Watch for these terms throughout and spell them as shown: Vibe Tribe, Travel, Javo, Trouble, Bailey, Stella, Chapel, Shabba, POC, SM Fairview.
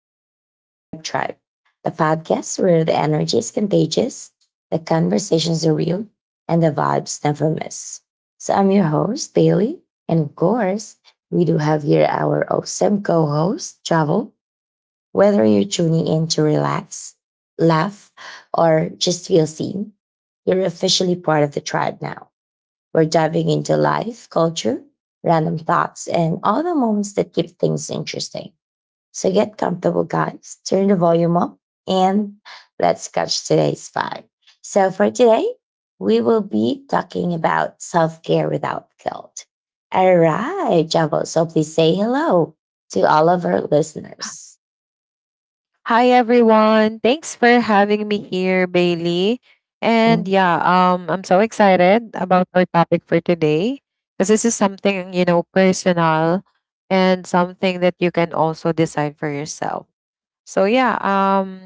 Welcome to the Vibe Tribe, the podcast where the energy is contagious, the conversations are real, and the vibes never miss. So, I'm your host, Bailey. And of course, we do have here our awesome co host, Travel. Whether you're tuning in to relax, laugh, or just feel seen, you're officially part of the tribe now. We're diving into life, culture, random thoughts, and all the moments that keep things interesting. So get comfortable, guys. Turn the volume up and let's catch today's vibe. So, for today, we will be talking about self care without guilt. All right, Javo. So, please say hello to all of our listeners. Hi everyone. Thanks for having me here, Bailey. And yeah, I'm so excited about our topic for today because this is something, you know, personal and something that you can also decide for yourself. So yeah,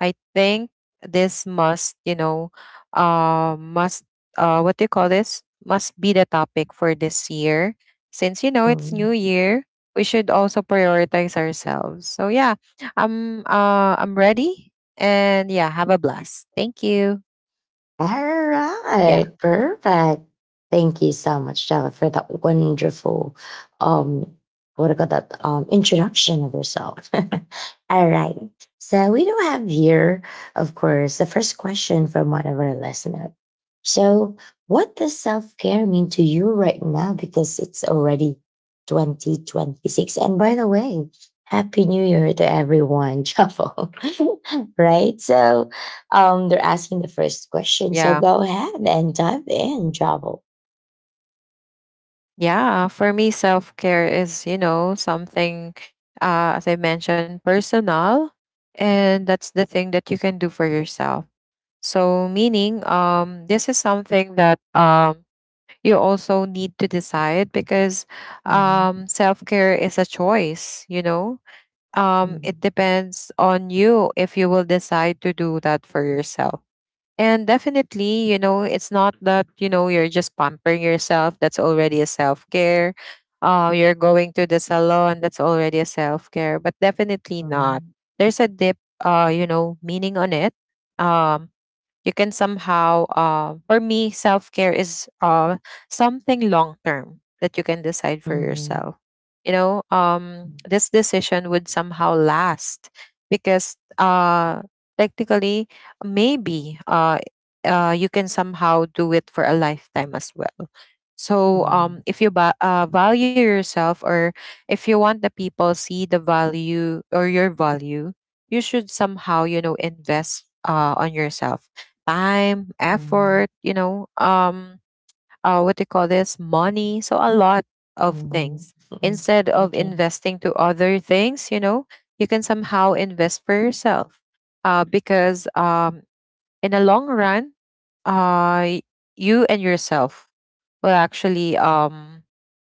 I think this must, what do you call this? Must be the topic for this year. Since you know it's new Mhm. year, we should also prioritize ourselves. So yeah, I'm ready and yeah, have a blast. Thank you. All Yeah. right, perfect. Thank you so much, Stella, for that wonderful, um, what I got that introduction of yourself. All right, so we do have here, of course, the first question from one of our listeners. So, what does self care mean to you right now? Because it's already 2026, and by the way, happy New Year to everyone, Chapel. Right, so they're asking the first question. So Yeah. go ahead and dive in, Javo. Yeah, for me self-care is, you know, something as I mentioned personal, and that's the thing that you can do for yourself. So, meaning, this is something that you also need to decide because, Mhm, self care is a choice, you know? It mhm, depends on you if you will decide to do that for yourself. And definitely, you know, it's not that, you know, you're just pampering yourself. That's already a self care. You're going to the salon. That's already a self care, but definitely not. mhm, There's a deep, you know, meaning on it. Um, you can somehow uh, for me self-care is something long term that you can decide for mhm, yourself, you know. This decision would somehow last because, technically maybe, you can somehow do it for a lifetime as well. So mhm, if you value yourself, or if you want the people see the value or your value, you should somehow you know invest, on yourself: time, mhm, effort, you know, what do you call this, money. So a lot of mhm, things. mhm, Instead of okay, mhm, investing to other things, you know, you can somehow invest for yourself. Because in the long run, uh, y- you and yourself will actually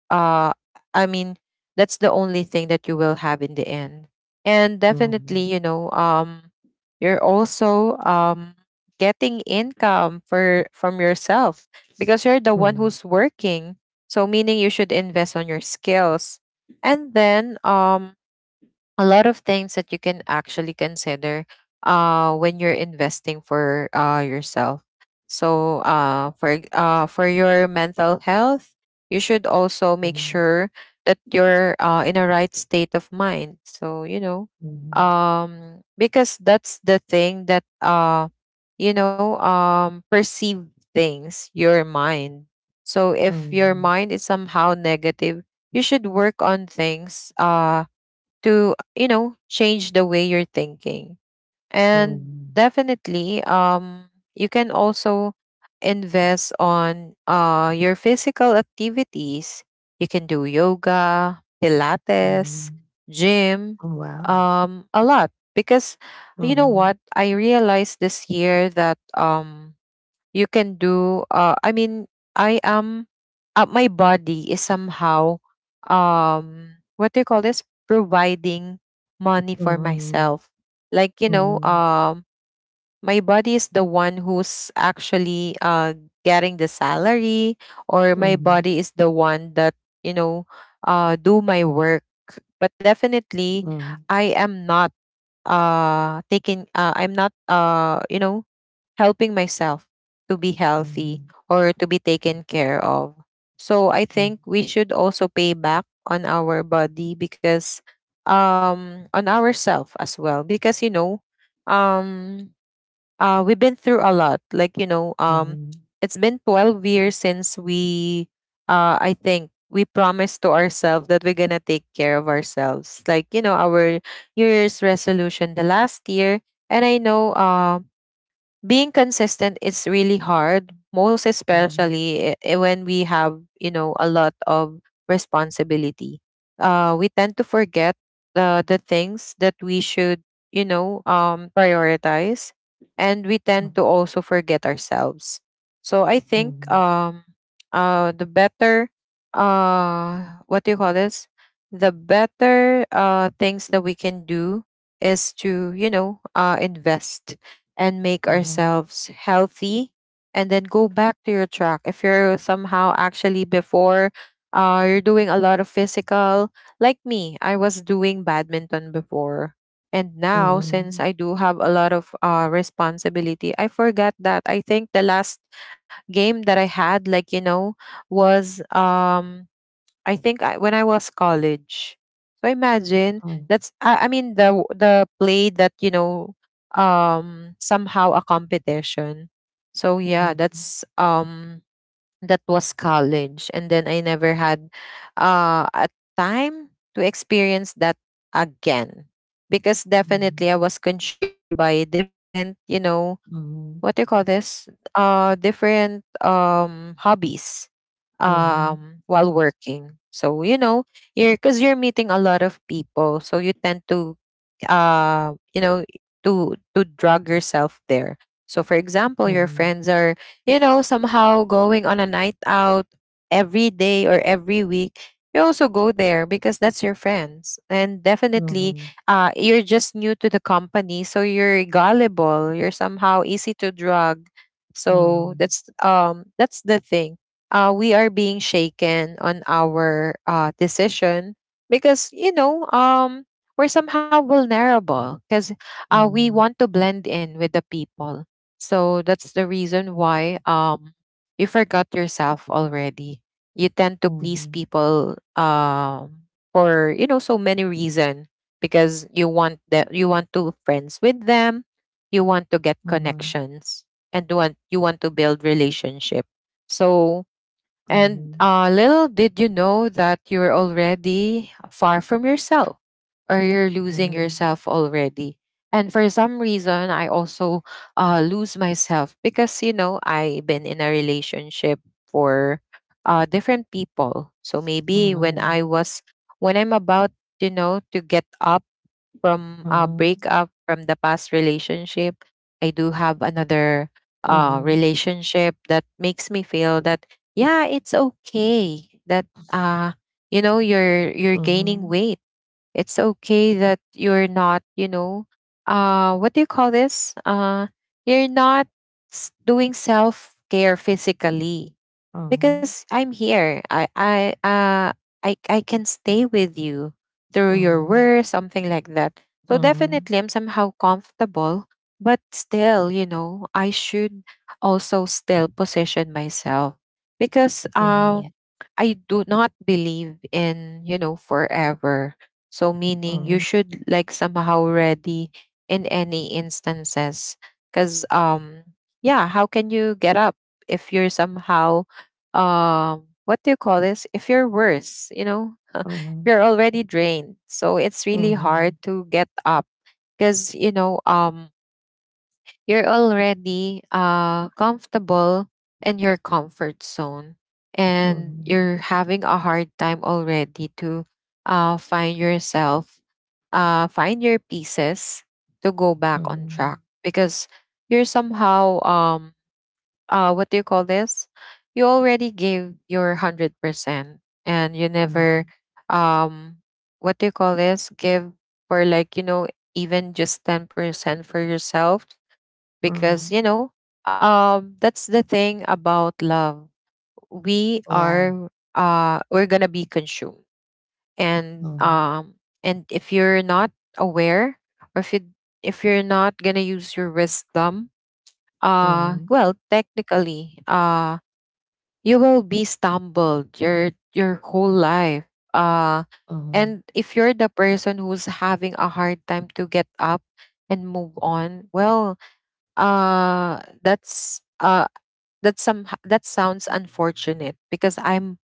uh I mean that's the only thing that you will have in the end. And definitely, mhm, you know, you're also getting income for from yourself because you're the one mhm, who's working. So meaning you should invest on your skills. And then a lot of things that you can actually consider when you're investing for yourself. So for your mental health you should also make sure that you're in a right state of mind, so you know, mhm, because that's the thing that you know perceive things your mind. So if your mhm, mind is somehow negative, you should work on things to you know change the way you're thinking. mhm, And mhm. definitely you can also invest on your physical activities. You can do yoga, pilates, gym, Oh, wow. A lot, because you know Mhm, what I realized this year that you can do I mean I am my body is somehow what do you call this, providing money for mhm, myself. Like you know, mhm, my body is the one who's actually getting the salary, or my mhm, body is the one that you know do my work. But definitely mhm, I am not taking I'm not you know helping myself to be healthy mhm, or to be taken care of. So I mhm, think we should also pay back on our body, because on ourself as well, because you know um we've been through a lot. Like you know mhm, mhm, it's been 12 years since we I think we promised to ourselves that we're going to take care of ourselves, like you know our new year's resolution the last year. And I know being consistent is really hard, most mhm, especially when we have, you know, a lot of responsibility. We tend to forget the things that we should, you know, prioritize, and we tend to also forget ourselves. So I think the better, what do you call this, the better things that we can do is to, you know, invest and make mhm, ourselves healthy. And then go back to your track if you're somehow actually before, you're doing a lot of physical. Like me, I was doing badminton before, and now since mhm, I do have a lot of responsibility I forgot that. I think the last game that I had, like you know, was I think when I was college. So imagine, mhm, that's I mean the the play that you know somehow a competition. So yeah, mhm, that was college, and then I never had a time to experience that again, because definitely mhm. I was consumed by different, you know, Mhm, what do you call this, different hobbies mhm, while working. So you know you're, because you're meeting a lot of people, so you tend to, you know, to drug yourself there. So for example, your mhm, friends are, you know, somehow going on a night out every day or every week. You also go there because that's your friends. And mhm, definitely mhm, you're just new to the company, so you're gullible, you're somehow easy to drug. So mhm, that's the thing. Uh, we are being shaken on our decision, because you know we're somehow vulnerable because, we mhm, want to blend in with the people. So that's the reason why, you forgot yourself already. You tend to please mhm, people, for you know so many reasons, because you want to friends with them, you want to get connections, and want you want to build relationship. So, and mhm, little did you know that you're already far from yourself, or you're losing mhm, yourself already. And for some reason, I also, lose myself because, you know, I've been in a relationship for, different people. So maybe when mhm, when I'm about, you know, to get up from a mhm, breakup from the past relationship, I do have another, mhm, relationship that makes me feel that yeah, it's okay that, uh, you know you're mhm, gaining mhm, weight. It's okay that you're not, you know, what do you call this? You're not doing self care physically, because I'm here. I can stay with you through your mhm, worst, something like that. So mhm, definitely I'm somehow comfortable, but still, you know, I should also still position myself, because mhm, yeah. I do not believe in, you know, forever. So meaning you Mhm, should like somehow ready in any instances, cuz yeah, how can you get up if you're somehow what do you call this, if you're worse you know mhm, you're already drained, so it's really hard mhm, to get up because you know you're already comfortable in your comfort zone, and mhm, you're having a hard time already to find yourself, find your pieces to go back on mhm, track, because you're somehow what do you call this, you already gave your 100%, and you never mhm, um what do you call this, give for like you know even just 10% for yourself. Because mhm. you know that's the thing about love, we Yeah. are we're going to be consumed, and Mhm, um and if you're not aware, or if you, if you're not going to use your wisdom, mhm, well technically you will be stumbled your whole life, uh mhm. and if you're the person who's having a hard time to get up and move on, well uh that's uh that sounds unfortunate, because I'm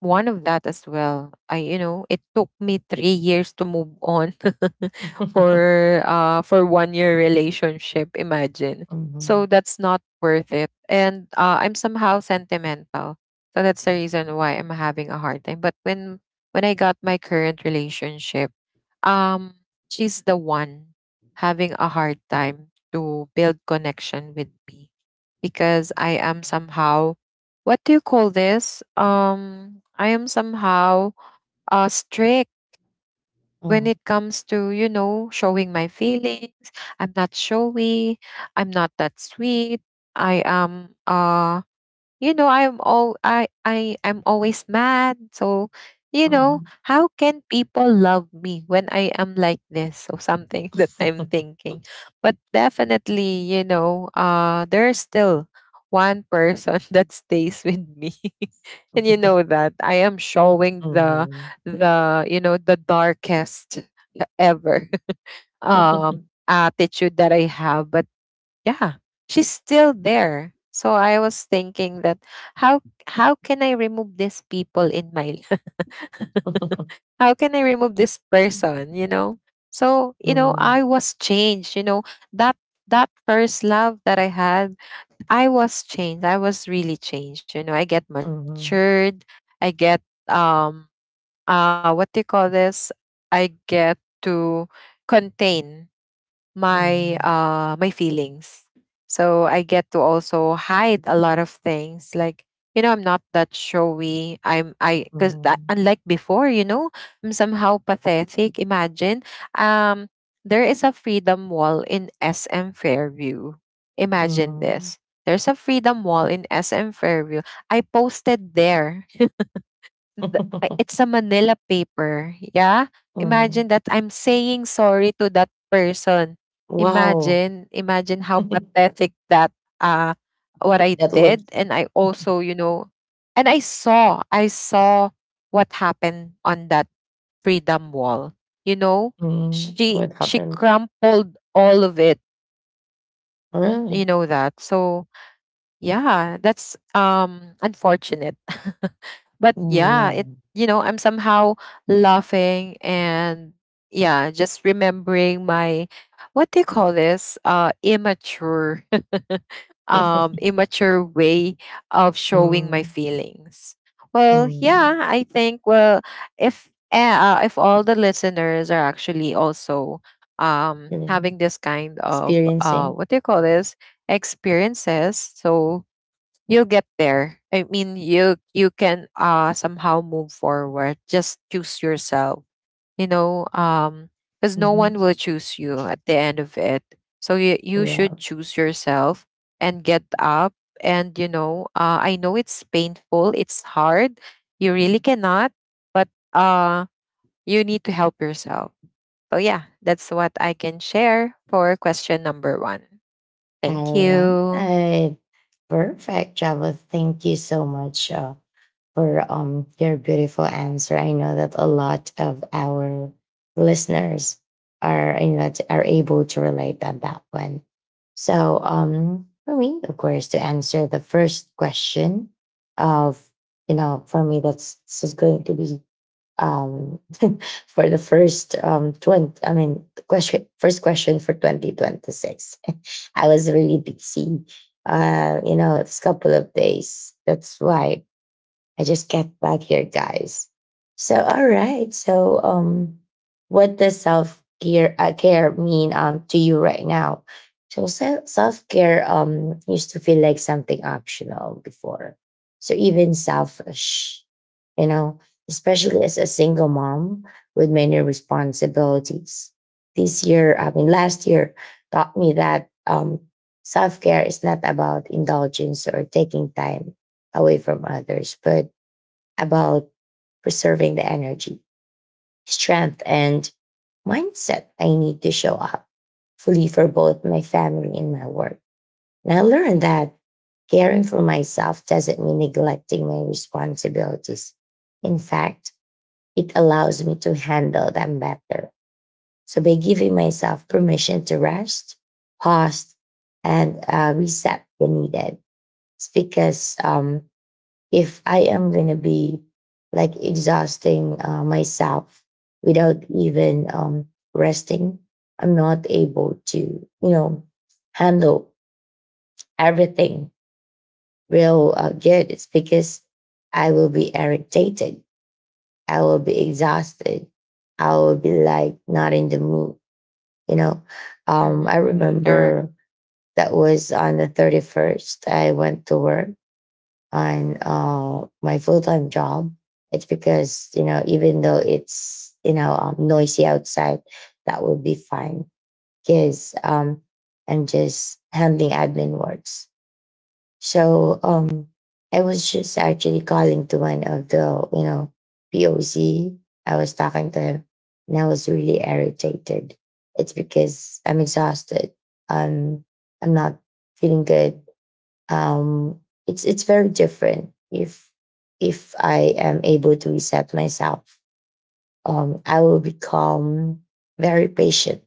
one of that as well. I, you know, it took me 3 years to move on for 1 year relationship, imagine. Mhm, So that's not worth it. And I'm somehow sentimental. So that's the reason why I'm having a hard time. But when I got my current relationship, um she's the one having a hard time to build connection with me, because I am somehow, what do you call this? I am somehow strict when it mhm, comes to you know showing my feelings. I'm not showy. I'm not that sweet. I am you know I'm all I'm always mad, so you know how can people love me when I am like this or something, that I'm thinking. But definitely you know there's still one person that stays with me, and you know that I am showing mhm. the you know the darkest ever um attitude that I have. But yeah, she's still there, so I was thinking that how how can I remove these people in my life? Mhm. How can I remove this person you know? So you know Mhm, I was changed, you know, that, that first love that I had, I was changed, I was really changed, you know I get mhm, matured. I get um what do you call this, I get to contain my mhm, uh my feelings. So I get to also hide a lot of things, like, you know, I'm not that showy. I'm I cuz mhm, unlike before, you know, I'm somehow pathetic. Imagine um there is a freedom wall in SM Fairview. Imagine mhm, this. There's a freedom wall in SM Fairview. I posted there the it's a Manila paper, yeah? mhm. Imagine that I'm saying sorry to that person. Wow, Imagine, imagine how pathetic that uh what I that looks did. And I also, you know, and I saw what happened on that freedom wall. You know, mhm, she what she happened? crumpled all of it, you Really? know that. So yeah, that's unfortunate. But Mm, yeah, it, yeah. you know, I'm somehow laughing and, yeah, just remembering my what do you call this? Immature immature way of showing my Mm, feelings. Well, mm, yeah, I think, well, if all the listeners are actually also you know, having this kind of experiencing. what do you call this? Experiences. So you'll get there. I mean, you can somehow move forward. Just choose yourself, you know. Because no Mhm, one will choose you at the end of it. So you yeah. should choose yourself and get up. And you know, I know it's painful, it's hard, you really cannot, but uh you need to help yourself. So yeah, that's what I can share for question number one. Thank All you. right. Perfect, Java. Thank you so much for your beautiful answer. I know that a lot of our listeners are are able to relate on that one. So for me, of course, to answer the first question of for me that's this is going to be um for the first 20 I mean question, first question for 2026. I was really busy. You know, it's a couple of days. That's why I just get back here, guys. So, all right. So, what does self care care mean to you right now? So, self care used to feel like something optional before. So even selfish, you know, especially as a single mom with many responsibilities. This year, I mean, last year taught me that self care is not about indulgence or taking time away from others, but about preserving the energy, strength, and mindset I need to show up fully for both my family and my work. And I learned that caring for myself doesn't mean neglecting my responsibilities. In fact, it allows me to handle them better. So by giving myself permission to rest, pause, and reset when needed, it's because if I am gonna be like exhausting myself without even resting, I'm not able to, you know, handle everything real good. It's because I will be irritated. I will be exhausted. I will be like not in the mood, you know. I Mhm. Correct. remember that was on the 31st. I went to work on my full time job. It's because you know, even though it's noisy outside, that will be fine because I'm just handling admin works. So I was just actually calling to one of the POC. I was talking to him, and I was really irritated. It's because I'm exhausted. Um, I'm not feeling good um, it's very different if I am able to reset myself. I will become very patient.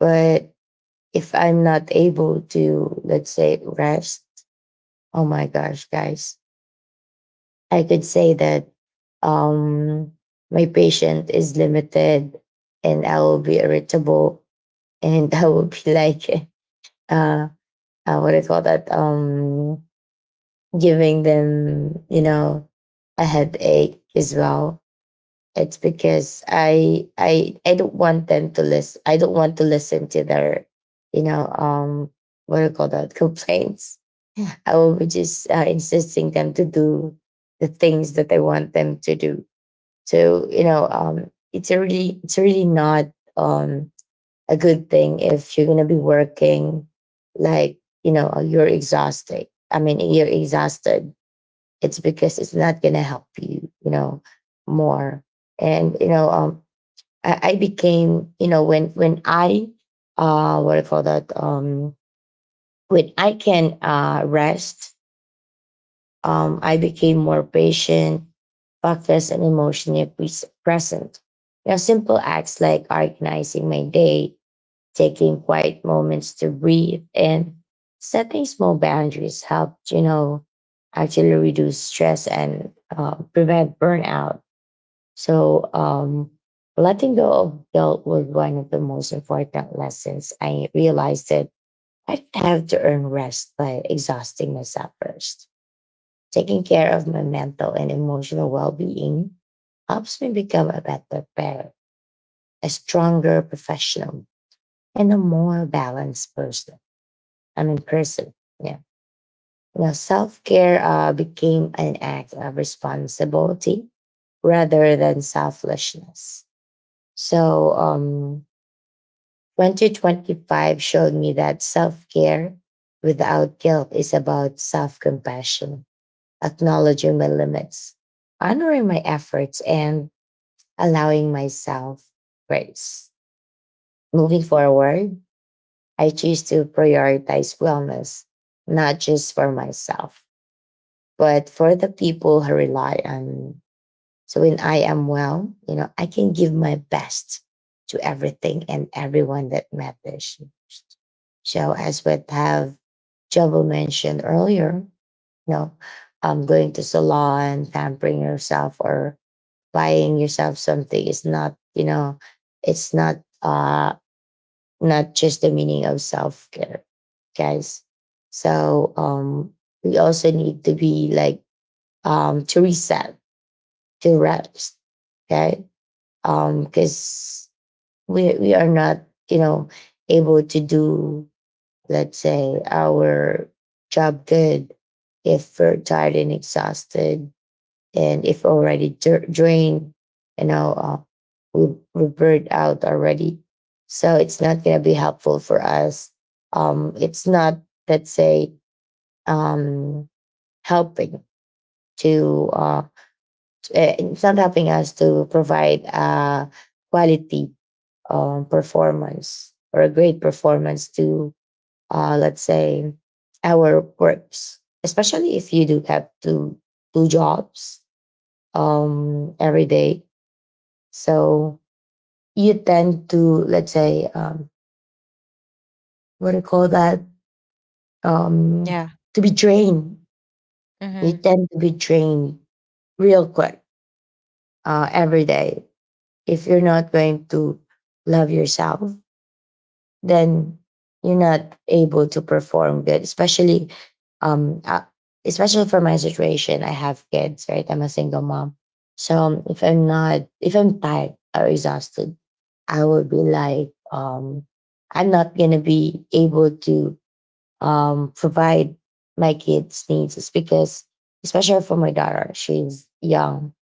But if I'm not able to, let's say, rest, oh my gosh, guys, I could say that um, my patient is limited, and I will be irritable, and I will be like, uh, uh, what do you call that? Giving them, you know, a headache as well. It's because I don't want them to listen. I don't want to listen to their, you know, what do you call that, complaints. I will be just insisting them to do the things that I want them to do. So you know, it's really not a good thing if you're gonna be working like you know you're exhausted. I mean, you're exhausted it's because it's not gonna help you, you know, more. And you know, I became, you know, what do you call that? When I can rest, I became more patient, focused, and emotionally present. You know, simple acts like organizing my day, taking quiet moments to breathe, and setting small boundaries helped, you know, actually reduce stress and prevent burnout. So, letting go of guilt was one of the most important lessons. I realized that I have to earn rest by exhausting myself first. Taking care of my mental and emotional well being helps me become a better parent, a stronger professional, and a more balanced person. I mean, person. Yeah. You know, self care became an act of responsibility rather than selfishness. So, 2025 showed me that self care without guilt is about self compassion, acknowledging my limits, honoring my efforts, and allowing myself grace. Moving forward, I choose to prioritize wellness, not just for myself, but for the people who rely on, so when I am well, you know, I can give my best to everything and everyone that matters. So as what have Jobo mentioned earlier, you know, going to salon, pampering yourself or buying yourself something is not, you know, it's not just the meaning of self-care, guys. So we also need to be like to reset, to rest, okay. Because we are not, you know, able to do, let's say, our job good if we're tired and exhausted and if already drained, you know, we burned out already. So it's not gonna be helpful for us. It's not, let's say, um, helping to it's not helping us to provide quality performance or a great performance to, let's say, our works, especially if you do have to do jobs every day. So you tend to, let's say, what do you call that? Um, Yeah. to be drained. You Mhm. tend to be drained real quick every day if you're not going to love yourself, then you're not able to perform good especially um uh, especially for my situation, I have kids, right? I'm a single mom, so if I'm not if I'm tired or exhausted, I would be like I'm not going to be able to provide my kids needs, it's because especially for my daughter, she's young.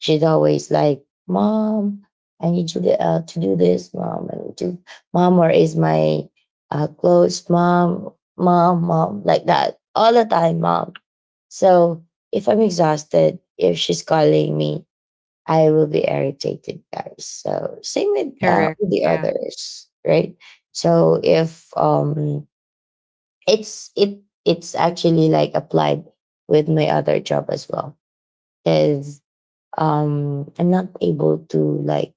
She'd always like, Mom, I need you to do this, Mom. I need to, Mom, where is my clothes, Mom? Mom, Mom, like that all the time, Mom. So if I'm exhausted, if she's calling me, I will be irritated, guys. So same with Correct. the Yeah. others, right? So if it's it it's actually like applied with my other job as well, because I'm not able to like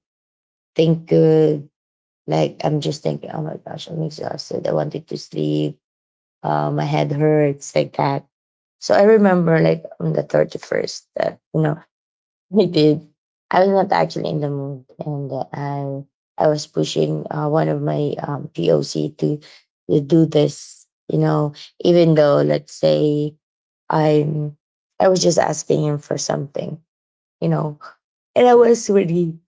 think good. Like I'm just thinking, oh my gosh, I'm exhausted. I wanted to sleep. My head hurts like that. So I remember like on the 31st that you know I did. I was not actually in the mood, and I was pushing one of my POC to do this. You know, even though let's say I'm I was just asking him for something. You know, and I was really,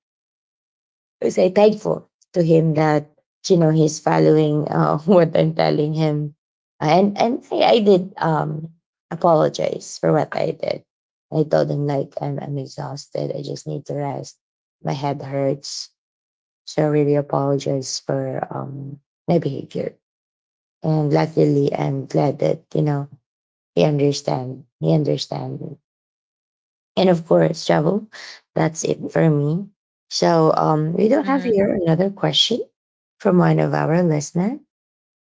I say thankful to him that you know he's following what I'm telling him, and I did apologize for what I did. I told him like I'm exhausted. I just need to rest. My head hurts, so I really apologize for my behavior. And luckily, I'm glad that you know he understand. And of course, travel. That's it for me. So we do have Mhm. here another question from one of our listener.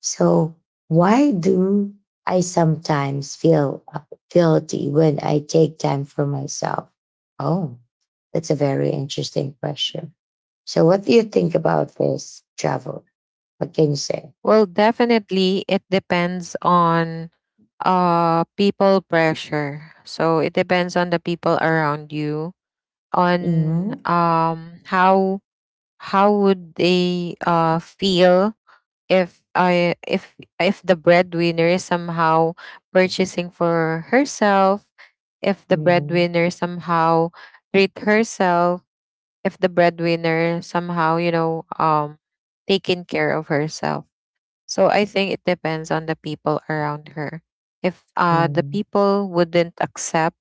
So why do I sometimes feel guilty when I take time for myself? Oh, that's a very interesting question. So what do you think about this, travel? What can you say? Well, definitely it depends on people pressure. So it depends on the people around you, on Mm-hmm. How would they feel, if I if the breadwinner is somehow purchasing for herself, if the Mm-hmm. breadwinner somehow treat herself, if the breadwinner somehow, you know, taking care of herself. So I think it depends on the people around her. If the people wouldn't accept,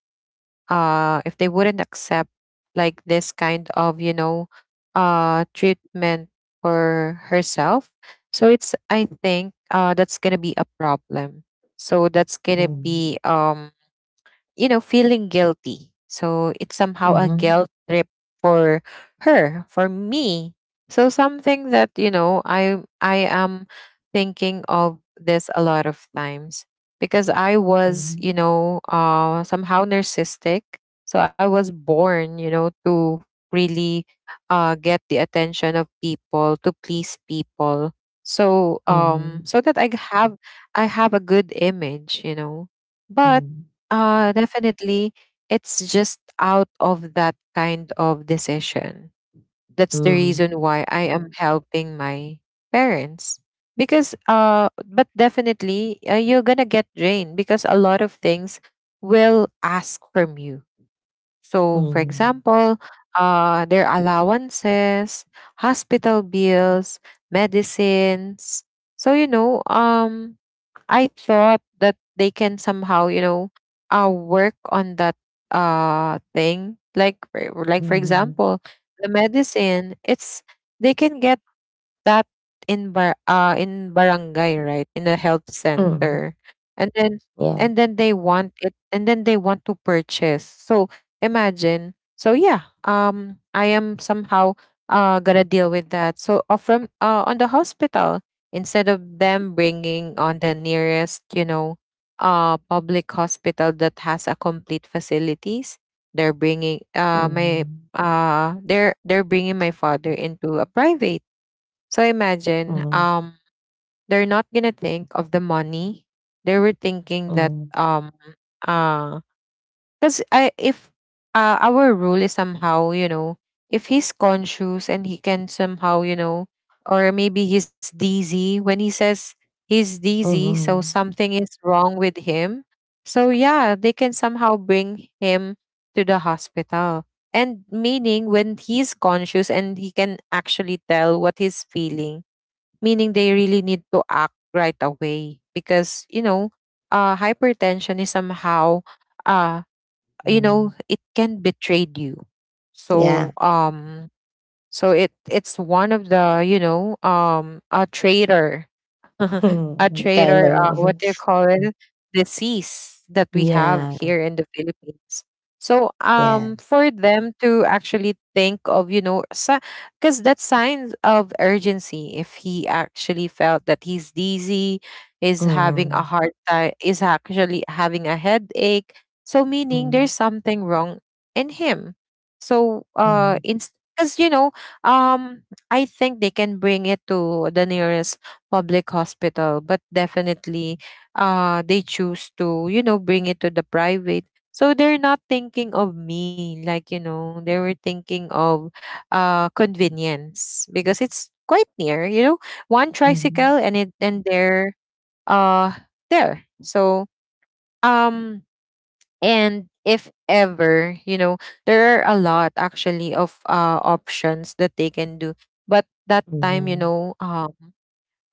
if they wouldn't accept like this kind of, you know, treatment for herself, so it's, I think, that's gonna be a problem. So that's gonna Mm-hmm. be you know, feeling guilty. So it's somehow a Mm-hmm. guilt trip for her, for me. So something that, you know, I am thinking of this a lot of times because I was, you Mm-hmm. know, somehow narcissistic. So I was born, you know, to really get the attention of people, to please people. So Mm-hmm. so that have I have a good image, you know. But definitely, it's just out of that kind of decision. That's the Mm-hmm. reason why I am helping my parents. Because but definitely, you're going to get drained because a lot of things will ask from you. So, for Mhm. example, their allowances, hospital bills, medicines. So, you know, I thought that they can somehow, you know, work on that thing. Like for Mhm. example, the medicine. It's they can get that in barangay, right? In the health Mhm. center. And then Yeah. and then they want it and then they want to purchase. So imagine. So yeah, I am somehow gonna deal with that. So from on the hospital, instead of them bringing on the nearest, you know, public hospital that has a complete facilities, they're bringing my Mhm. They're bringing my father into a private. So imagine, Mhm. They're not gonna think of the money. They were thinking that Mhm. Uh because I if our rule is somehow, you know, if he's conscious and he can somehow, you know, or maybe he's dizzy. When he says he's dizzy, so Mhm. something is wrong with him. So yeah, they can somehow bring him to the hospital. And meaning when he's conscious and he can actually tell what he's feeling, meaning they really need to act right away. Because you know, hypertension is somehow uh you Mhm. know, it can betray you. Yeah. So so it it's one of the, you know, a traitor a trait Kind or of. what do you call it, disease that we have Yeah. here in the Philippines. So Yeah. For them to actually think of, you know, because that's signs of urgency, if he actually felt that he's dizzy, is having a Mhm. hard time, is actually having a headache, so meaning there's something wrong in him. So Mhm. because you know, um I think they can bring it to the nearest public hospital, but definitely they choose to, you know, bring it to the private. So they're not thinking of me. Like, you know, they were thinking of convenience because it's quite near, you know, one Mhm. tricycle and it and they're uh there. So um and if ever, you know, there are a lot actually of options that they can do. But that time, you know, uh,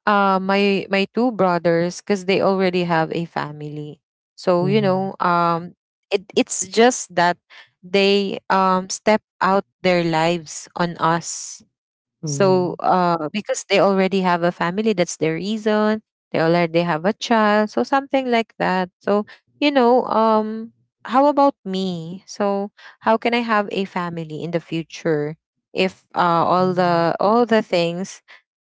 uh my two brothers, because they already have a family. So you Mhm. know, it it's just that they step out their lives on us. Mhm. So because they already have a family, that's the reason. They already have a child, so something like that. So you know, how about me? So how can I have a family in the future if all Mhm. the all the things,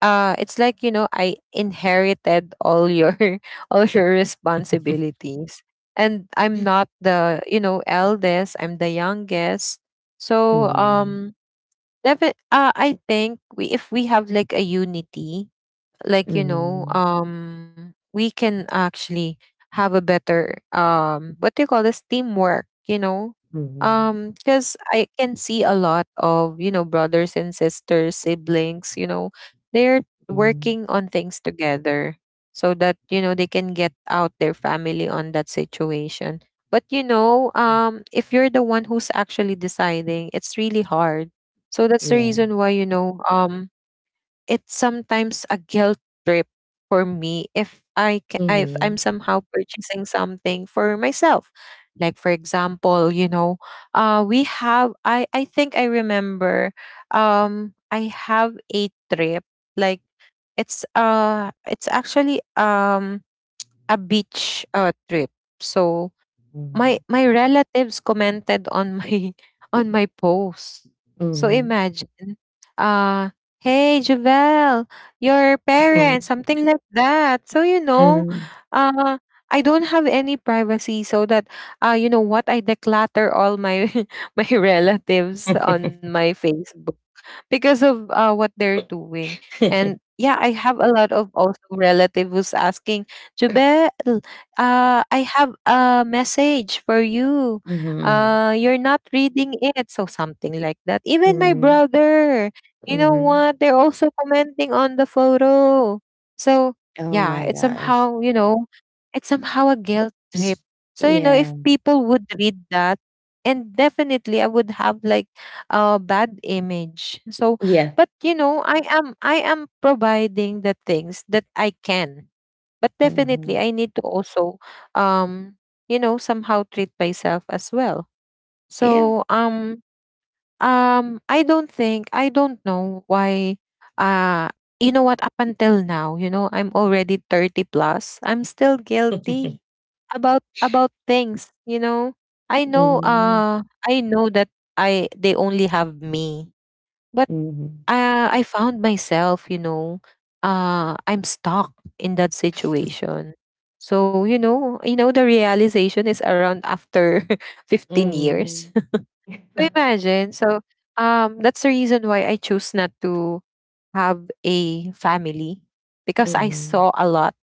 it's like, you know, I inherited all your all your responsibilities. And I'm not the, you know, eldest, I'm the youngest. So Mhm. I think we, if we have like a unity, like you know, Mhm. We can actually have a better what do you call this, teamwork, you know. Mhm. Mhm. Because I can see a lot of, you know, brothers and sisters, siblings, you know, they're Mhm. working on things together, so that you know they can get out their family on that situation. But you know, Mhm. If you're the one who's actually deciding, it's really hard. So that's the Yeah. reason why, you know, it's sometimes a guilt trip for me if if I'm Mhm. somehow purchasing something for myself. Like for example, you know, we have I think I remember I have a trip, like it's actually a beach trip. So my Mhm. my relatives commented on my on my post. So Mhm. imagine, uh, hey Javel, your parents, something like that. So you know, Mhm. uh, I don't have any privacy, so that you know what, I declutter all my my relatives on my Facebook because of what they're doing. And Mhm. yeah, I have a lot of also relative who's asking, Jubel, I have a message for you. Mhm. You're not reading it. So something like that. Even my Mhm. brother, you know Mhm. what? They're also commenting on the photo. So Oh yeah, my it's gosh. somehow, you know, it's somehow a guilt trip. S- So, you know, Yeah. if people would read that, and definitely I would have like bad image. So Yeah. but you know, I am providing the things that I can, but definitely Mhm. I need to also um you know, somehow treat myself as well. Yeah. So I don't think, I don't know why, uh you know what, up until now, you know, I'm already 30 plus, I'm still guilty about things, you know. I know Mhm. I know that I they only have me, but Mhm. I found myself, you know, I'm stuck in that situation. So, you know, the realization is around after Mhm. 15 years. Mhm. Mhm. So Mhm. imagine. So that's the reason why I choose not to have a family because I saw a lot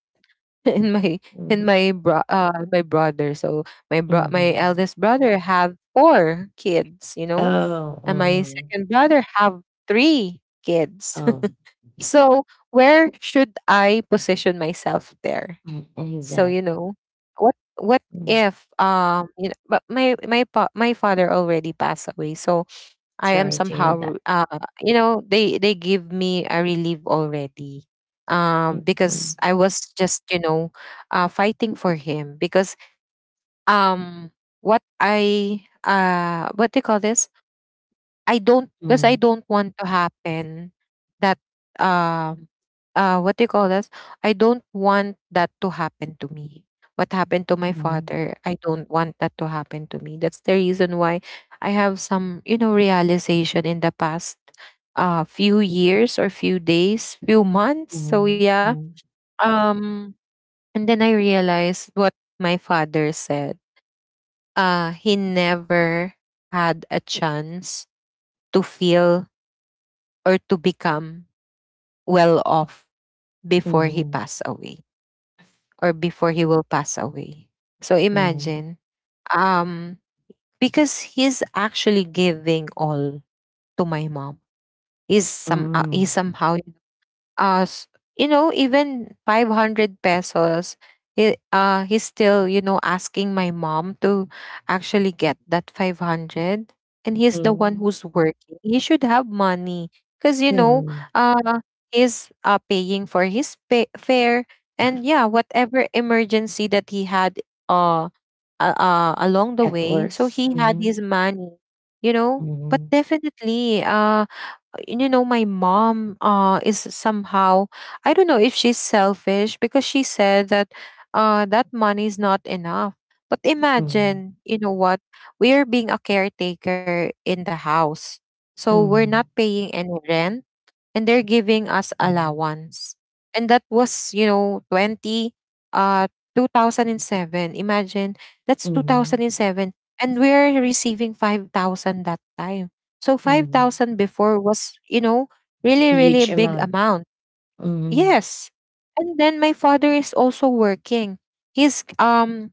in my my brother. So my eldest brother have four kids, you know, Oh, and my mhm. second brother have three kids. Oh, So where should I position myself there? mm, So exact. you know, what Mm. if you know, but my father already passed away. So I am Sorry to hear somehow that. You know, they give me a relief already. Mm, mm, Because I was just, you know, fighting for him because um what I what do you call this, I don't, because I don't want to happen that um what do you call this, I don't want that to happen to me, what happened to my mm, father. I don't want that to happen to me. That's the reason why I have some, you know, realization in the past few years or few days, few months. So mhm, yeah, mhm, um and then I realized what my father said. He never had a chance to feel or to become well off before he mm, passed away or before he will pass away. So mhm, imagine, um, because he's actually giving all to my mom. He mhm, somehow us, even 500 pesos. He's still asking my mom to actually get that 500. And he's mhm, the one mhm, who's working. He should have money because mhm. uh he's paying for his fare. And yeah, whatever emergency that he had, uh, along the At way, so worst. he had Mhm, his money, but mhm, definitely. And my mom, is somehow. I don't know if she's selfish, because she said that that money is not enough. But mhm, imagine, you know what, we are being a caretaker in the house, so we're not mhm, paying any rent, and they're giving us mhm, allowance. And that was, 20 uh 2007. Imagine, that's mhm, 2007, and we're receiving 5,000 that time. So mhm. 5,000 before was, really really a Huge big amount. amount. Mhm. Yes. And then my father is also working. He's,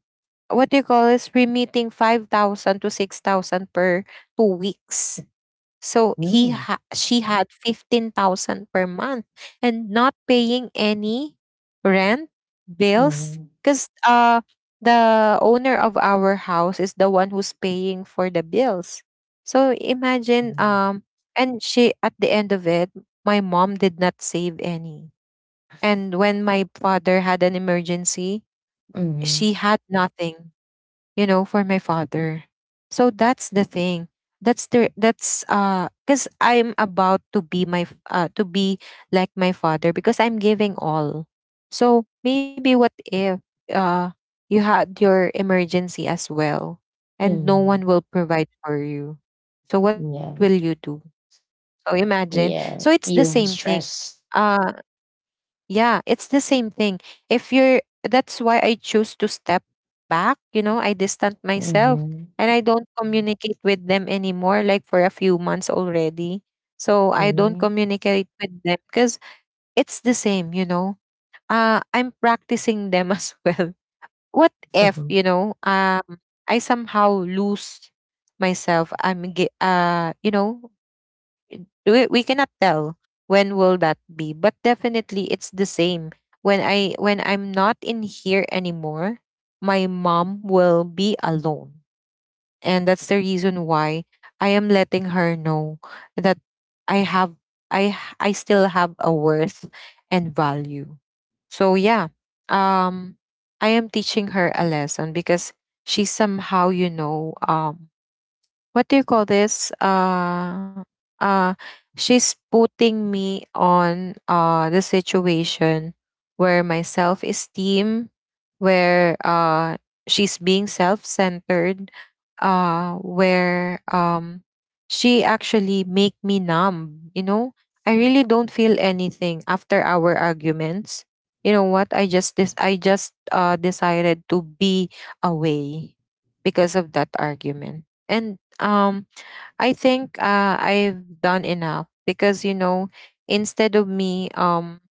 what do you call, is remitting 5,000 to 6,000 per 2 weeks. So he Mm. She had 15,000 per month, and not paying any rent bills, Mhm. cuz the owner of our house is the one who's paying for the bills. So imagine, Mhm. And she, at the end of it, my mom did not save any. And when my father had an emergency, Mhm. she had nothing, for my father. So that's the thing. That's because I'm about to be like my father, because I'm giving all. So maybe, what if uh you had your emergency as well, and no one Mhm. will provide for you. So what will Yeah. you do? So imagine. So it's Yeah. the same You thing. stress. Uh yeah, it's the same thing. If you're, That's why I choose to step back. I distant myself, Mhm. and I don't communicate with them anymore, like for a few months already. So I don't Mhm. communicate with them, because it's the same, you know. I'm practicing them as well. What if, I somehow lose myself? I'm, ge- you know, We cannot tell when will that be, but definitely it's the same. When I'm not in here anymore, my mom will be alone, and that's the reason why I am letting her know that i have I still have a worth and value. So yeah. um I am teaching her a lesson, because she somehow, what do you call this? Uh, she's putting me on, the situation where my self esteem, where she's being self centered, where she actually make me numb. You know, I really don't feel anything after our arguments. You know what? I just decided to be away, because of that argument. And um I think, I've done enough, because you know, instead of me,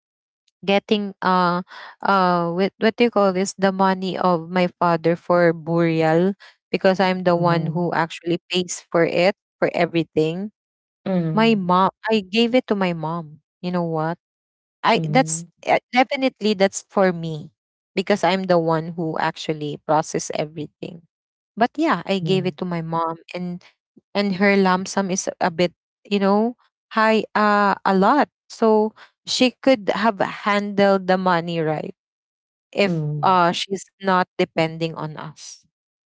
getting with, what do you call this, the money of my father for burial, because I'm the one who Mhm. actually pays for it, for everything. My Mhm. mom, I gave it to my mom. You know what? I that's Mhm. Definitely, that's for me, because I'm the one who actually process everything. But yeah, I gave Mhm. it to my mom. And her lump sum is a bit, you know, high, a lot. So she could have handled the money right, if Mhm. She's not depending on us,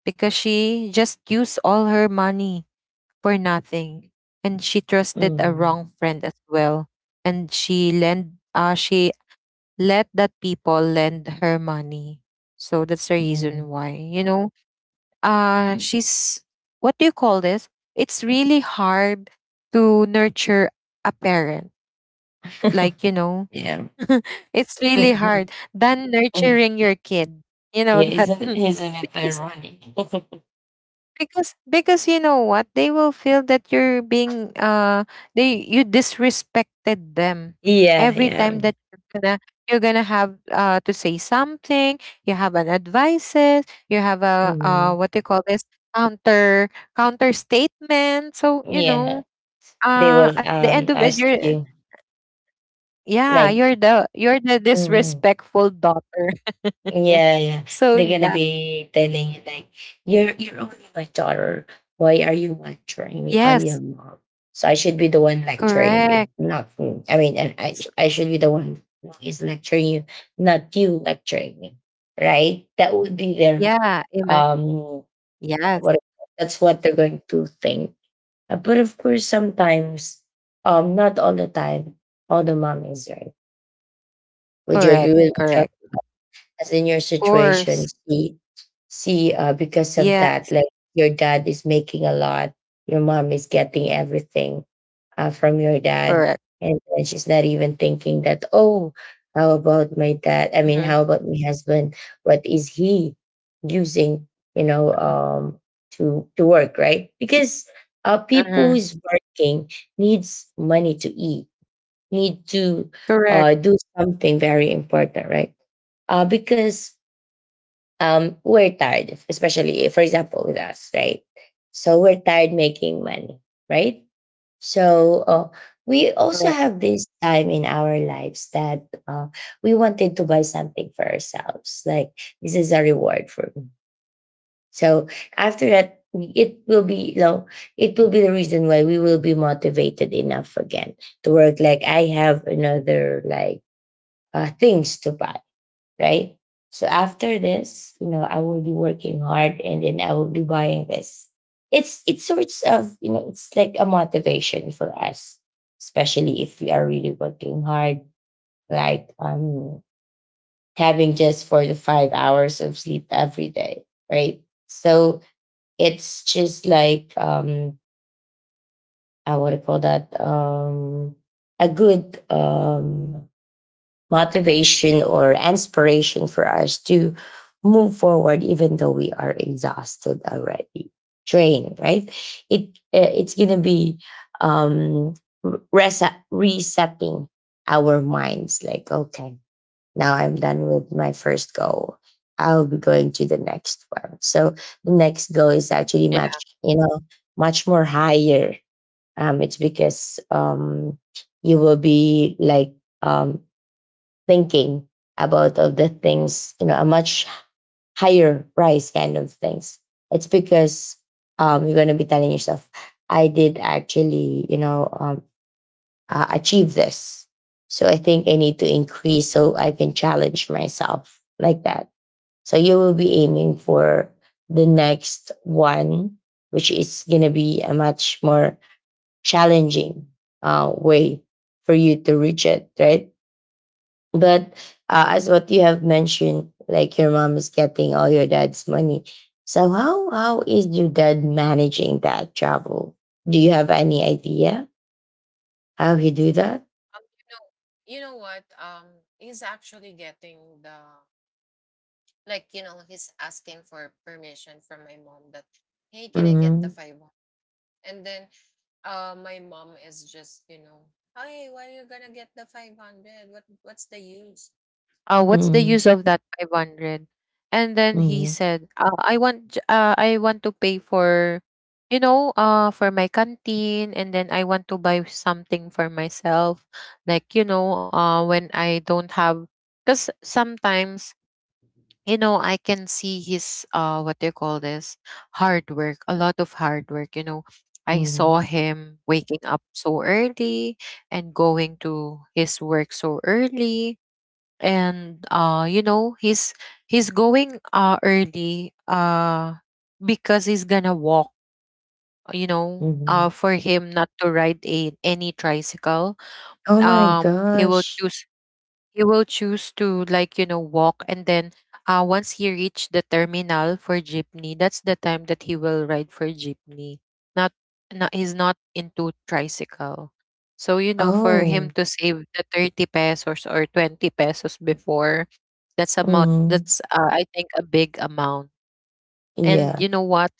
because she just used all her money for nothing. And she trusted a Mhm. wrong friend as well. And she let that people lend her money. So that's the reason Mhm. why, you know. She's what do you call this, it's really hard to nurture a parent, Mhm. like, you know. Yeah. It's really Mhm. hard than Mhm. nurturing your kid, you know Yeah. that, Isn't isn't it because ironic? because you know what, they will feel that you're being they you disrespected them, Yeah. every time Yeah. that you're gonna have to say something. You have an advices. You have a, Mhm. what do you call this, counter counter statement. So you Yeah. know, They will at the end of it, ask you're... you, Yeah, like. you're the Mhm. disrespectful daughter. Yeah, yeah. So They're gonna yeah. be telling you, like, you're only my daughter. Why are you lecturing me? I'm your Yes. mom, so I should be the one lecturing you, Correct. not me. I mean, and I S- I should be the one who is lecturing you, not you lecturing me, right? That would be their yeah. Um Yes. what that's what they're going to think. But of course, sometimes, not all the time, all the mom is right. Would you agree Correct, with me, correct. as in your Of situation, course. see because of Yeah, that, like, your dad is making a lot, your mom is getting everything from your dad, correct. and then she's not even thinking that, oh, how about my dad? I mean, Hmm. how about my husband? What is he using, you know, to work, right? Because people Hmm. who's working needs money to eat, need to Correct, do something very important, right? Because we're tired, especially for example with us, right? So we're tired making money, right? So we also have correct. this time in our lives that we wanted to buy something for ourselves. Like, this is a reward for me. So after that, it will be, you know, it will be the reason why we will be motivated enough again to work. Like, I have another, like, things to buy, right? So after this, you know, I will be working hard and then I will be buying this. It's sorts of, you know, it's like a motivation for us, especially if we are really working hard, like, having just 4 to 5 hours of sleep every day, right? So it's just like, I would call that a good motivation or inspiration for us to move forward even though we are exhausted already, drained, right? It uh, it's going to be, um resetting our minds, like, okay, now I'm done with my first goal. I'll be going to the next one. So the next goal is actually much, Yeah. you know, much more higher. It's because you will be like um thinking about of the things, you know, a much higher price kind of things. It's because you're going to be telling yourself, I did actually, you know, achieve this. So I think I need to increase so I can challenge myself like that. So you will be aiming for the next one, which is going to be a much more challenging way for you to reach it, right? But as what you have mentioned, like, your mom is getting all your dad's money. So how is your dad managing that travel? Do you have any idea how he do that? Um, you you know what? He's actually getting the, like, you know, he's asking for permission from my mom that, "Hey, can I get the Mm-hmm. five hundred?" And then, my mom is just, you know, "Hey, why are you gonna get the 500? What's the use? What's the Mm-hmm. use of that 500?" And then he Mm-hmm. said, I want to pay for, for my canteen. And then I want to buy something for myself, like, when I don't have, because sometimes I can see his, what do you call this, hard work, a lot of hard work, you know. I saw Mm-hmm. him waking up so early, and going to his work so early. And he's going early, because he's gonna walk, Mm-hmm. For him not to ride any tricycle. Oh my He will gosh. choose, to, walk. And then, once he reach the terminal for jeepney, that's the time that he will ride for jeepney. Not, not He's not into tricycle. So, for him Oh. to save the 30 pesos or 20 pesos before, that's amount, Mm-hmm. that's, I think, a big amount. And Yeah. you know what,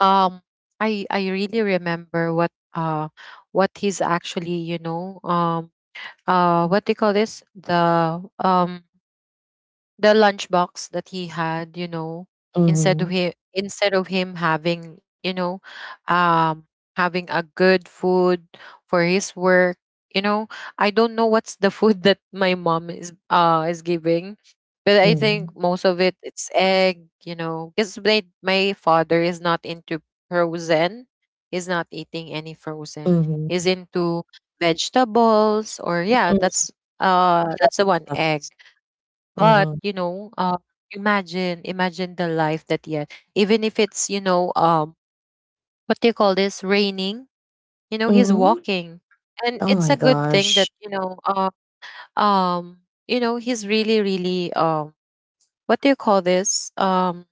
um I really remember what, what he's actually, what do you call this, the, lunchbox that he had. You know, instead of Mm-hmm. him instead of him having, you know, um having a good food for his work, you know. I don't know what's the food that my mom is, is giving, but I Mm-hmm. think most of it, it's egg, you know, because my father is not into frozen. He's not eating any frozen. He's Mm-hmm. into vegetables, or yeah, Mm-hmm. that's, that's the one, egg. But, Mm-hmm. Imagine the life that he had. Even if it's, what do you call this? Raining. You know, he's Mm-hmm. walking, and Oh it's my a good thing that, gosh. Um, he's really, really, what do you call this?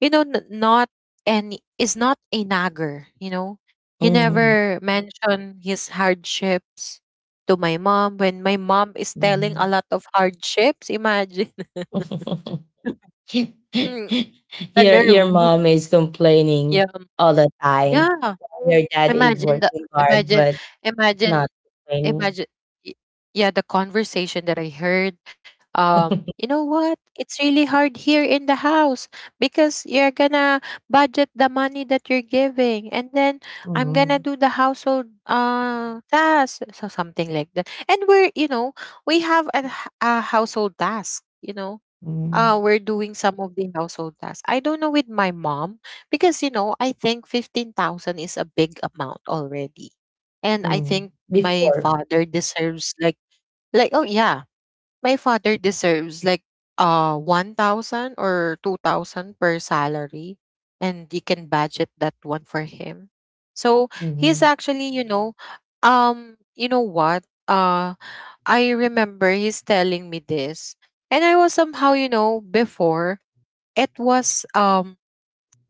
You know, n- not any Is not a nagger. You know, he Mm-hmm. never mentioned his hardships to my mom, when my mom is telling a lot of hardships. Imagine, the Your nerve. mom is Yeah, complaining all the time. yeah. Your dad is Imagine the working hard imagine but imagine not complaining. imagine y- Yeah, the conversation that I heard. You know what? It's really hard here in the house, because you're gonna budget the money that you're giving, and then I'm gonna Mhm. do the household task. So something like that. And we're, we have a household task, you know. Mhm. We're doing some of the household tasks. I don't know with my mom, because I think 15,000 is a big amount already, and I Mm. think my Before. father deserves like, oh yeah, my father deserves like, 1,000 or 2,000 per salary, and you can budget that one for him. So he's Mhm. actually, you know what? I remember he's telling me this, and I was somehow, before, it was, um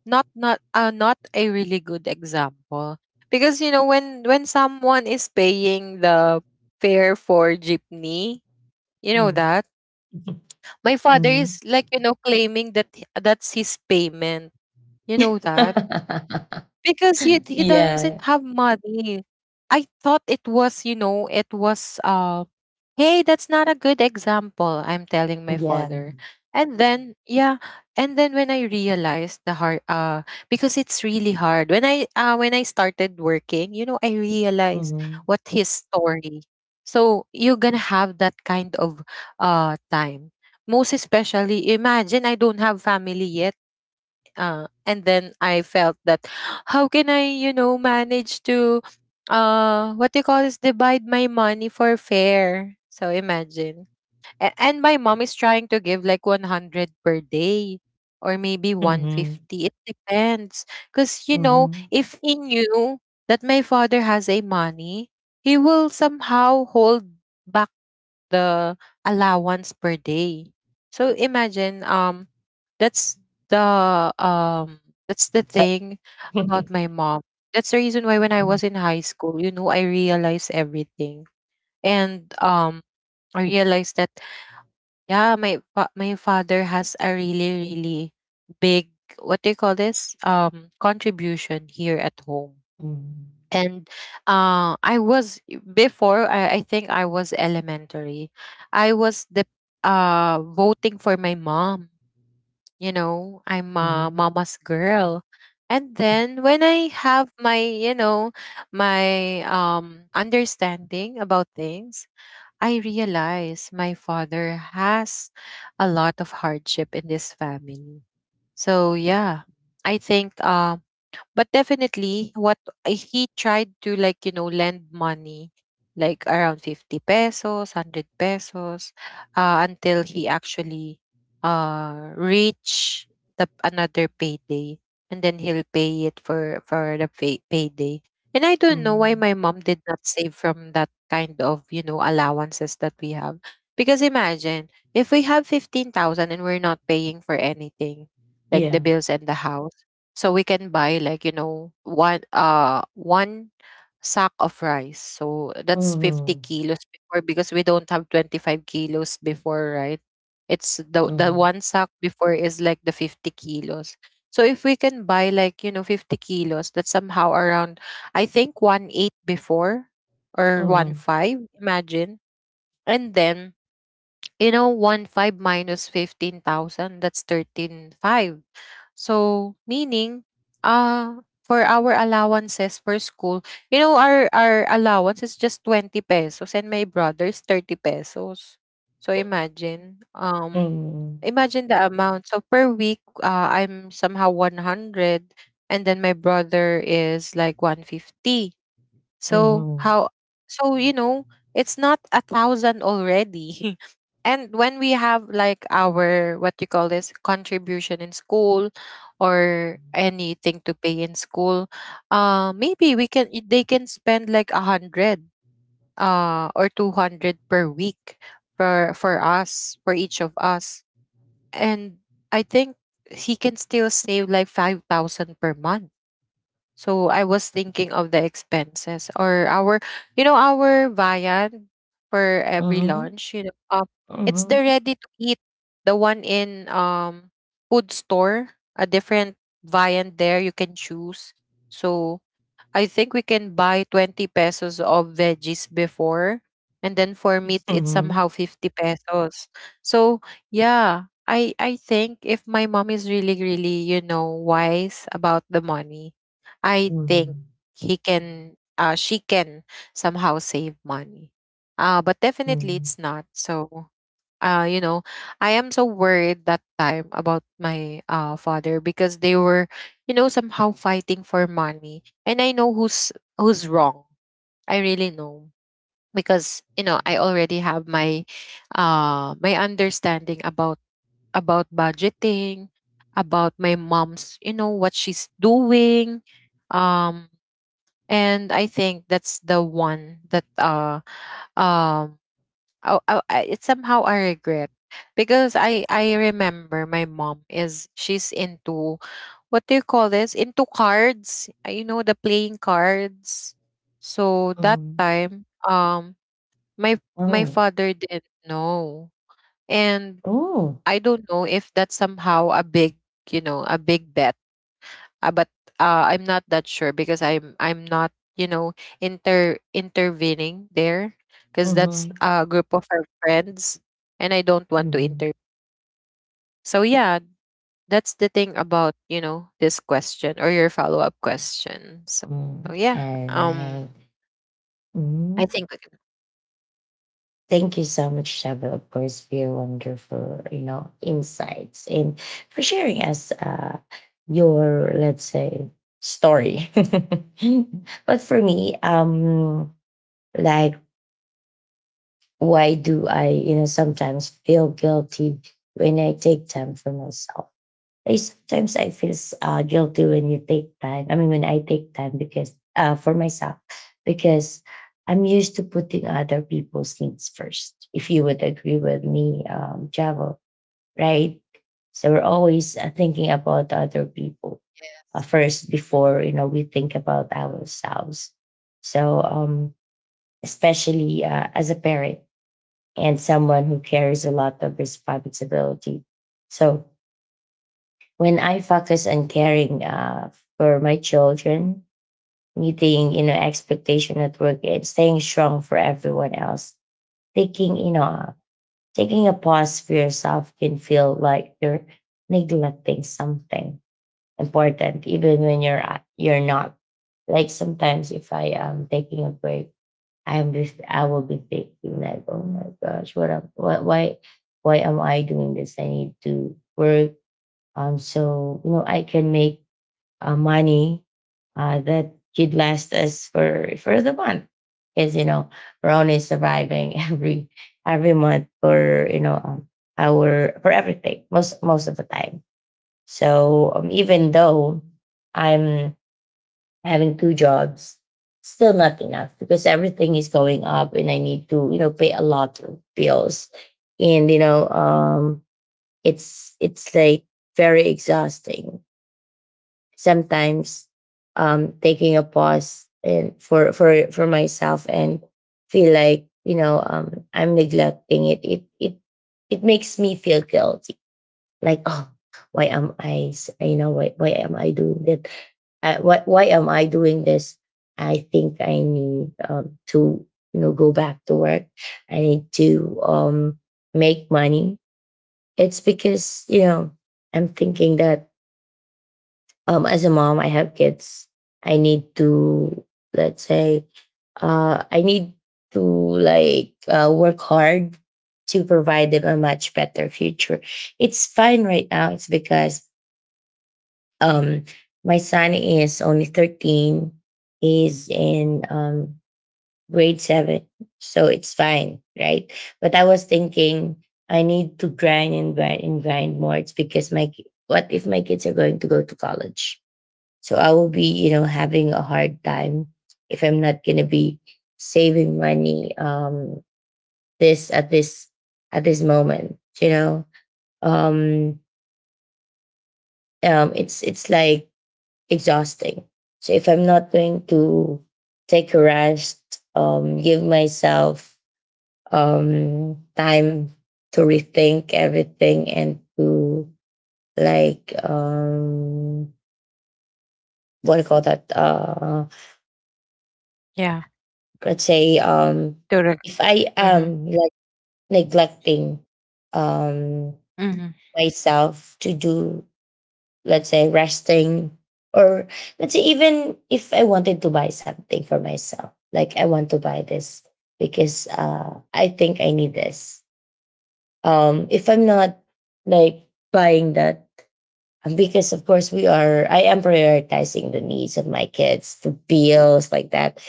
not not uh, not a really good example. Because you know, when someone is paying the fare for jeepney, you know Mhm. that. My father Mhm. is, claiming that, that's his payment. You know that? Because he, he doesn't Yeah. have money. I thought it was. "Hey, that's not a good example," I'm telling my Yeah. father. And then, yeah, and then when I realized, because it's really hard. When I started working, you know, I realized Mhm. what his story. So you're gonna have that kind of, time. Most especially, imagine, I don't have family yet, and then I felt that, how can I, manage to, what do you call this, divide my money for fare. So imagine. And my mom is trying to give like 100 per day, or maybe Mhm. 150. It depends, cuz Mhm. if he knew that my father has a money, he will somehow hold back the allowance per day. So imagine, that's the, um So. thing about my mom. That's the reason why when I Mhm. was in high school, you know, I realized everything. And I realized that, yeah, my father has a really really big, what do you call this? Contribution here at home. Mhm. And I was, before, I think I was elementary. I was the voting for my mom. You know, I'm a Mhm. mama's girl. And then when I have my, my understanding about things, I realize my father has a lot of hardship in this family. So yeah, I think, but definitely, he tried to, like, you know, lend money, like around 50 pesos, 100 pesos, until he actually reach the another payday. And then he'll pay it for the payday. And I don't know why Mhm. my mom did not save from that kind of, you know, allowances that we have. Because imagine, if we have 15,000 and we're not paying for anything, like the Yeah. bills and the house, so we can buy, like, you know, one sack of rice. So that's 50 Mhm. kilos before because we don't have 25 kilos before, right? It's the Mhm. one sack before is like the 50 kilos. So if we can buy, like, you know, 50 kilos, that's somehow around, I think, one eight before or one Mhm. five. Imagine. And then, you know, one five minus 15,000, that's 13.5. So meaning, for our allowances for school, you know, our allowance is just 20 pesos and my brother's 30 pesos. So Mm. imagine the amount. So per week, I'm somehow 100, and then my brother is like 150. So Mhm. how, you know, it's not 1,000 already. And when we have, like, our, what you call this, contribution in school or anything to pay in school, maybe they can spend like 100 or 200 per week for us, for each of us. And I think he can still save like 5,000 per month. So I was thinking of the expenses or our viand for every Mhm. lunch. You know, it's the Mhm. ready to eat, the one in food store, a different viand there you can choose. So I think we can buy 20 pesos of veggies before, and then for meat it's Mhm. somehow 50 pesos. So yeah. I think if my mom is really really, you know, wise about the money, I think Mhm. She can somehow save money. But definitely Mhm. it's not. So, you know, I am so worried that time about my father because they were, you know, somehow fighting for money. And I know who's wrong. I really know because you know I already have my understanding about budgeting, about my mom's, you know, what she's doing, um and I think that's the one that um it's somehow I regret because I remember my mom is she's into what do you call this, into cards, you know, the playing cards. So that Mhm. time, my my Oh. father didn't know. And Oh. I don't know if that's somehow a big, you know, a big bet, but I'm not that sure because I'm not, you know, intervening there because that's Mhm. a group of our friends. And I don't want to Mhm. inter. So yeah, that's the thing about, you know, this question or your follow up question. So yeah, Mm. All um, right. I think we Mhm. can. Thank you so much, Shabba, of course, for your wonderful, you know, insights and for sharing us your, let's say, story. But for me, like, why do I, you know, sometimes feel guilty when I take time for myself? I Sometimes I feel guilty when you take time. I mean, when I take time, because for myself, because I'm used to putting other people's needs first. If you would agree with me, Javo, right? So we're always thinking about other people Yes. first before, Mm-hmm. you know, we think about ourselves. So especially, as a parent and someone who carries a lot of responsibility, so when I focus on caring for my children, meeting, you know, expectation at work, and staying strong for everyone else, taking, you know, taking a pause for yourself can feel like you're neglecting something important, even when you're not. Like, sometimes, if I am taking a break, I will be thinking like, oh my gosh, what am why am I doing this? I need to work, so, you know, I can make money that could last us for the month. Because, you know, we're only surviving every month for, you know, our for everything, most of the time. So even though I'm having two jobs, still not enough because everything is going up, and I need to, you know, pay a lot of bills, and, you know, it's like very exhausting sometimes, taking a pause and for for myself, and feel like, you know, I'm neglecting it. It makes me feel guilty, like, oh, why am I doing that, why am I doing this? I think I need to, you know, go back to work. I need to make money. It's because, you know, I'm thinking that, as a mom, I have kids. I need to, let's say, I need to, like, work hard to provide them a much better future. It's fine right now. It's because um, my son is only 13. He's in, grade seven. So it's fine, right? But I was thinking I need to grind and grind and grind more. It's because what if my kids are going to go to college? So I will be, you know, having a hard time if I'm not going to be saving money this at this at this moment, you know. Um it's like exhausting. So if I'm not going to take a rest, give myself time to rethink everything and to, like, what do you call that? Yeah. Let's say, Totally. if I Mm-hmm. am, like, neglecting um Mm-hmm. myself to do, let's say, resting, or, let's say, even if I wanted to buy something for myself, like, I want to buy this because I think I need this. If I'm not, like, buying that, because of course, we are I am prioritizing the needs of my kids, the bills, like that,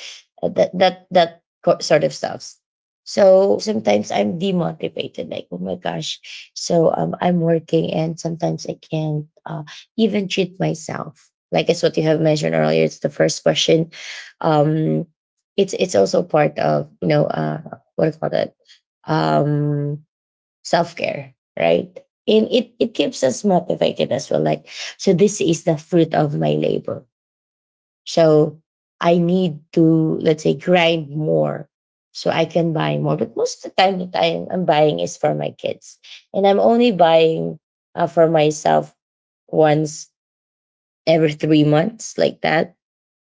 that sort of stuff. So sometimes I'm demotivated, like, oh my gosh. So, I'm working and sometimes I can't even treat myself. Like, it's what you have mentioned earlier, it's the first question. um it's also part of, you know, what do you call that? um Self-care, right? And it keeps us motivated as well. Like, so this is the fruit of my labor. So I need to, let's say, grind more so I can buy more. But most of the time that I'm buying is for my kids. And I'm only buying for myself once every 3 months, like that.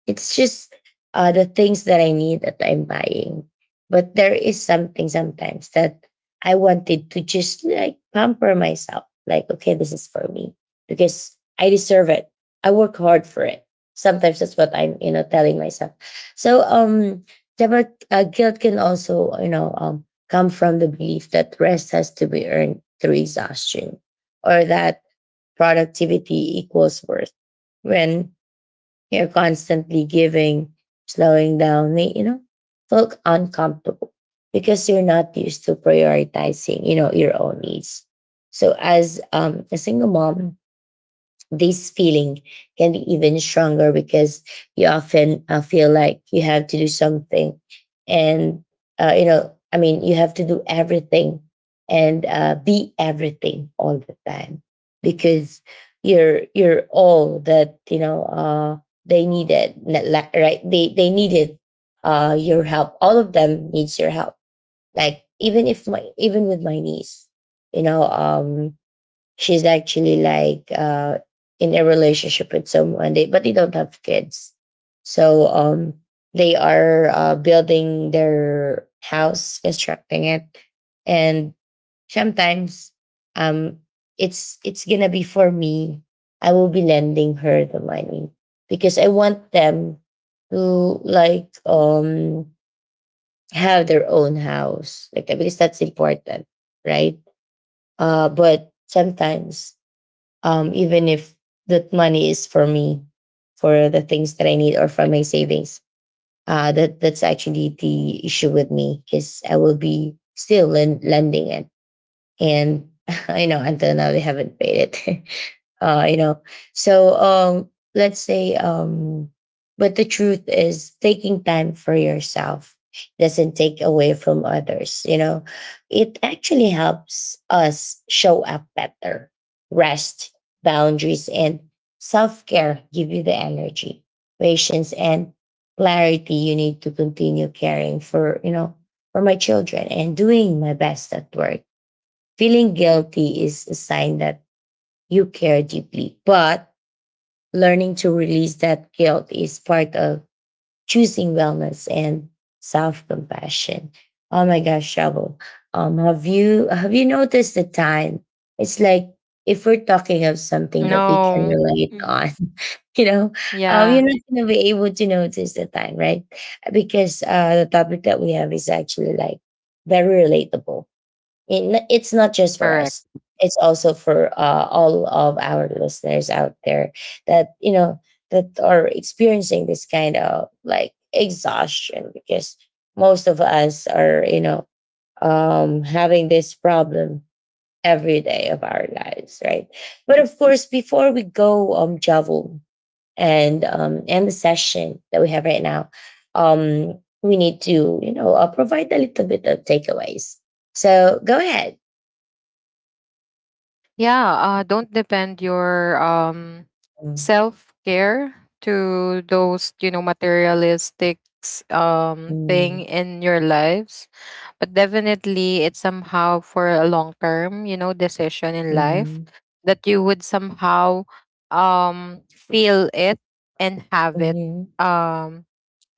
It's just the things that I need that I'm buying. But there is something sometimes that I wanted to just, like, pamper myself. Like, okay, this is for me because I deserve it. I work hard for it. Sometimes that's what I'm, you know, telling myself. So, the, guilt can also, you know, come from the belief that rest has to be earned through exhaustion or that productivity equals worth. When you're constantly giving, slowing down, may, you know, felt uncomfortable because you're not used to prioritizing, you know, your own needs. So as a single mom, this feeling can be even stronger because you often feel like you have to do something and you have to do everything and be everything all the time because you're all that you know they right they needed your help, all of them needs your help. Like even if my, even with my niece, you know um she's actually like in a relationship with someone they, but they don't have kids, so they are building their house, constructing it. And sometimes, um it's gonna be for me, I will be lending her the money because I want them to, like, have their own house, like that, because that's important, right? But sometimes, even if that money is for me, for the things that I need or for my savings. That's actually the issue with me, is I will be still lending it. And you know, until now they haven't paid it. You know, so let's say, but the truth is, taking time for yourself doesn't take away from others, you know, it actually helps us show up better. Rest, boundaries, and self-care give you the energy, patience, and clarity you need to continue caring for, you know, for my children and doing my best at work. Feeling guilty is a sign that you care deeply, but learning to release that guilt is part of choosing wellness and self compassion. Oh my gosh, Shovel. Have you noticed the time? It's like, if we're talking of something that we can No. relate Mm. on, you know, you're Yeah. not gonna be able to notice the time, right? Because the topic that we have is actually, like, very relatable. It's not just for Correct. us. It's also for all of our listeners out there that, you know, that are experiencing this kind of, like, exhaustion because most of us are, you know, having this problem every day of our lives, right? But of course, before we go, Javel, and the session that we have right now, we need to, you know, provide a little bit of takeaways. So go ahead. Yeah, don't depend your Mm, self care to those, you know, materialistic thing mm, in your lives, but definitely it's somehow for a long term, you know, decision in life mhm, that you would somehow feel it and have it mhm, um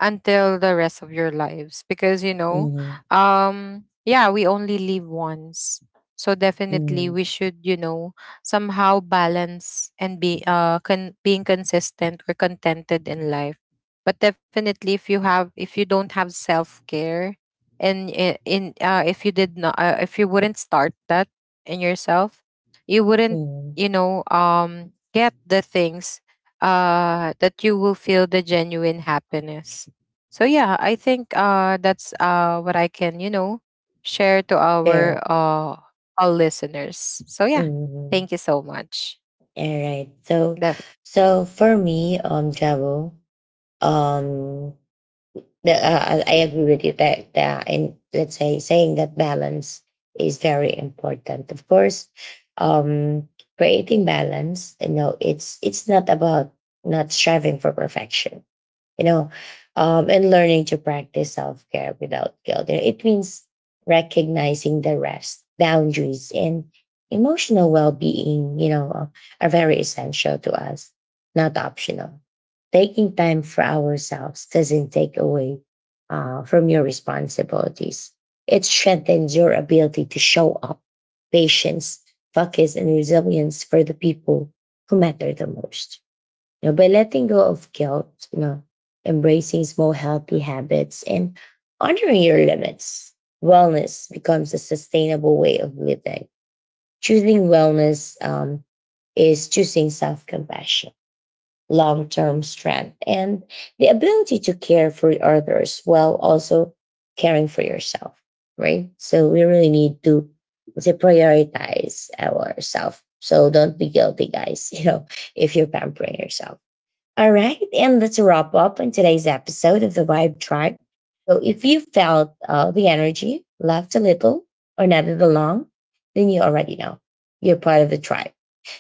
until the rest of your lives because you know, mhm, yeah, we only live once. So definitely mhm, we should, you know, somehow balance and be being consistent or contented in life. But definitely if you don't have self-care, and I- in if you did not, if you wouldn't start that in yourself, you wouldn't, mhm. you know, get the things that you will feel the genuine happiness. So yeah, I think that's what I can, you know, share to our Sure. All listeners. So yeah, Mhm. thank you so much. All right. So, The- so for me, travel, um, the, I agree with you that that, and let's say saying that balance is very important. Of course, um, creating balance, you know, it's not about not striving for perfection, you know, and learning to practice self care without guilt. You know, it means recognizing the rest, boundaries, and emotional well being, you know, are very essential to us, not optional. Taking time for ourselves doesn't take away from your responsibilities. It strengthens your ability to show up, patience, focus, and resilience for the people who matter the most. You know, by letting go of guilt, you know, embracing small healthy habits and honoring your limits, wellness becomes a sustainable way of living. Choosing wellness is choosing self compassion, long term strength, and the ability to care for others while also caring for yourself, right? So we really need to prioritize ourselves. So don't be guilty, guys, you know, if you're pampering yourself. All right, and let's wrap up on today's episode of the Vibe Tribe. So, if you felt the energy, left a little, or nodded along, then you already know you're part of the tribe.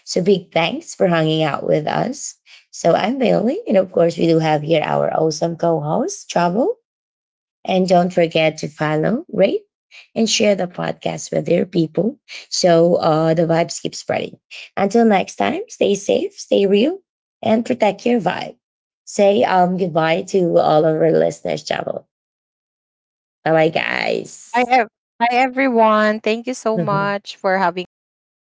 So, big thanks for hanging out with us. So, I'm Bailey, and of course, we do have here our awesome co host, Trouble. And don't forget to follow, rate, and share the podcast with your people so the vibes keep spreading. Until next time, stay safe, stay real, and protect your vibe. Say goodbye to all of our listeners, Chavo. Bye bye, Hi, guys. ev- Hi everyone. Thank you so much for having us here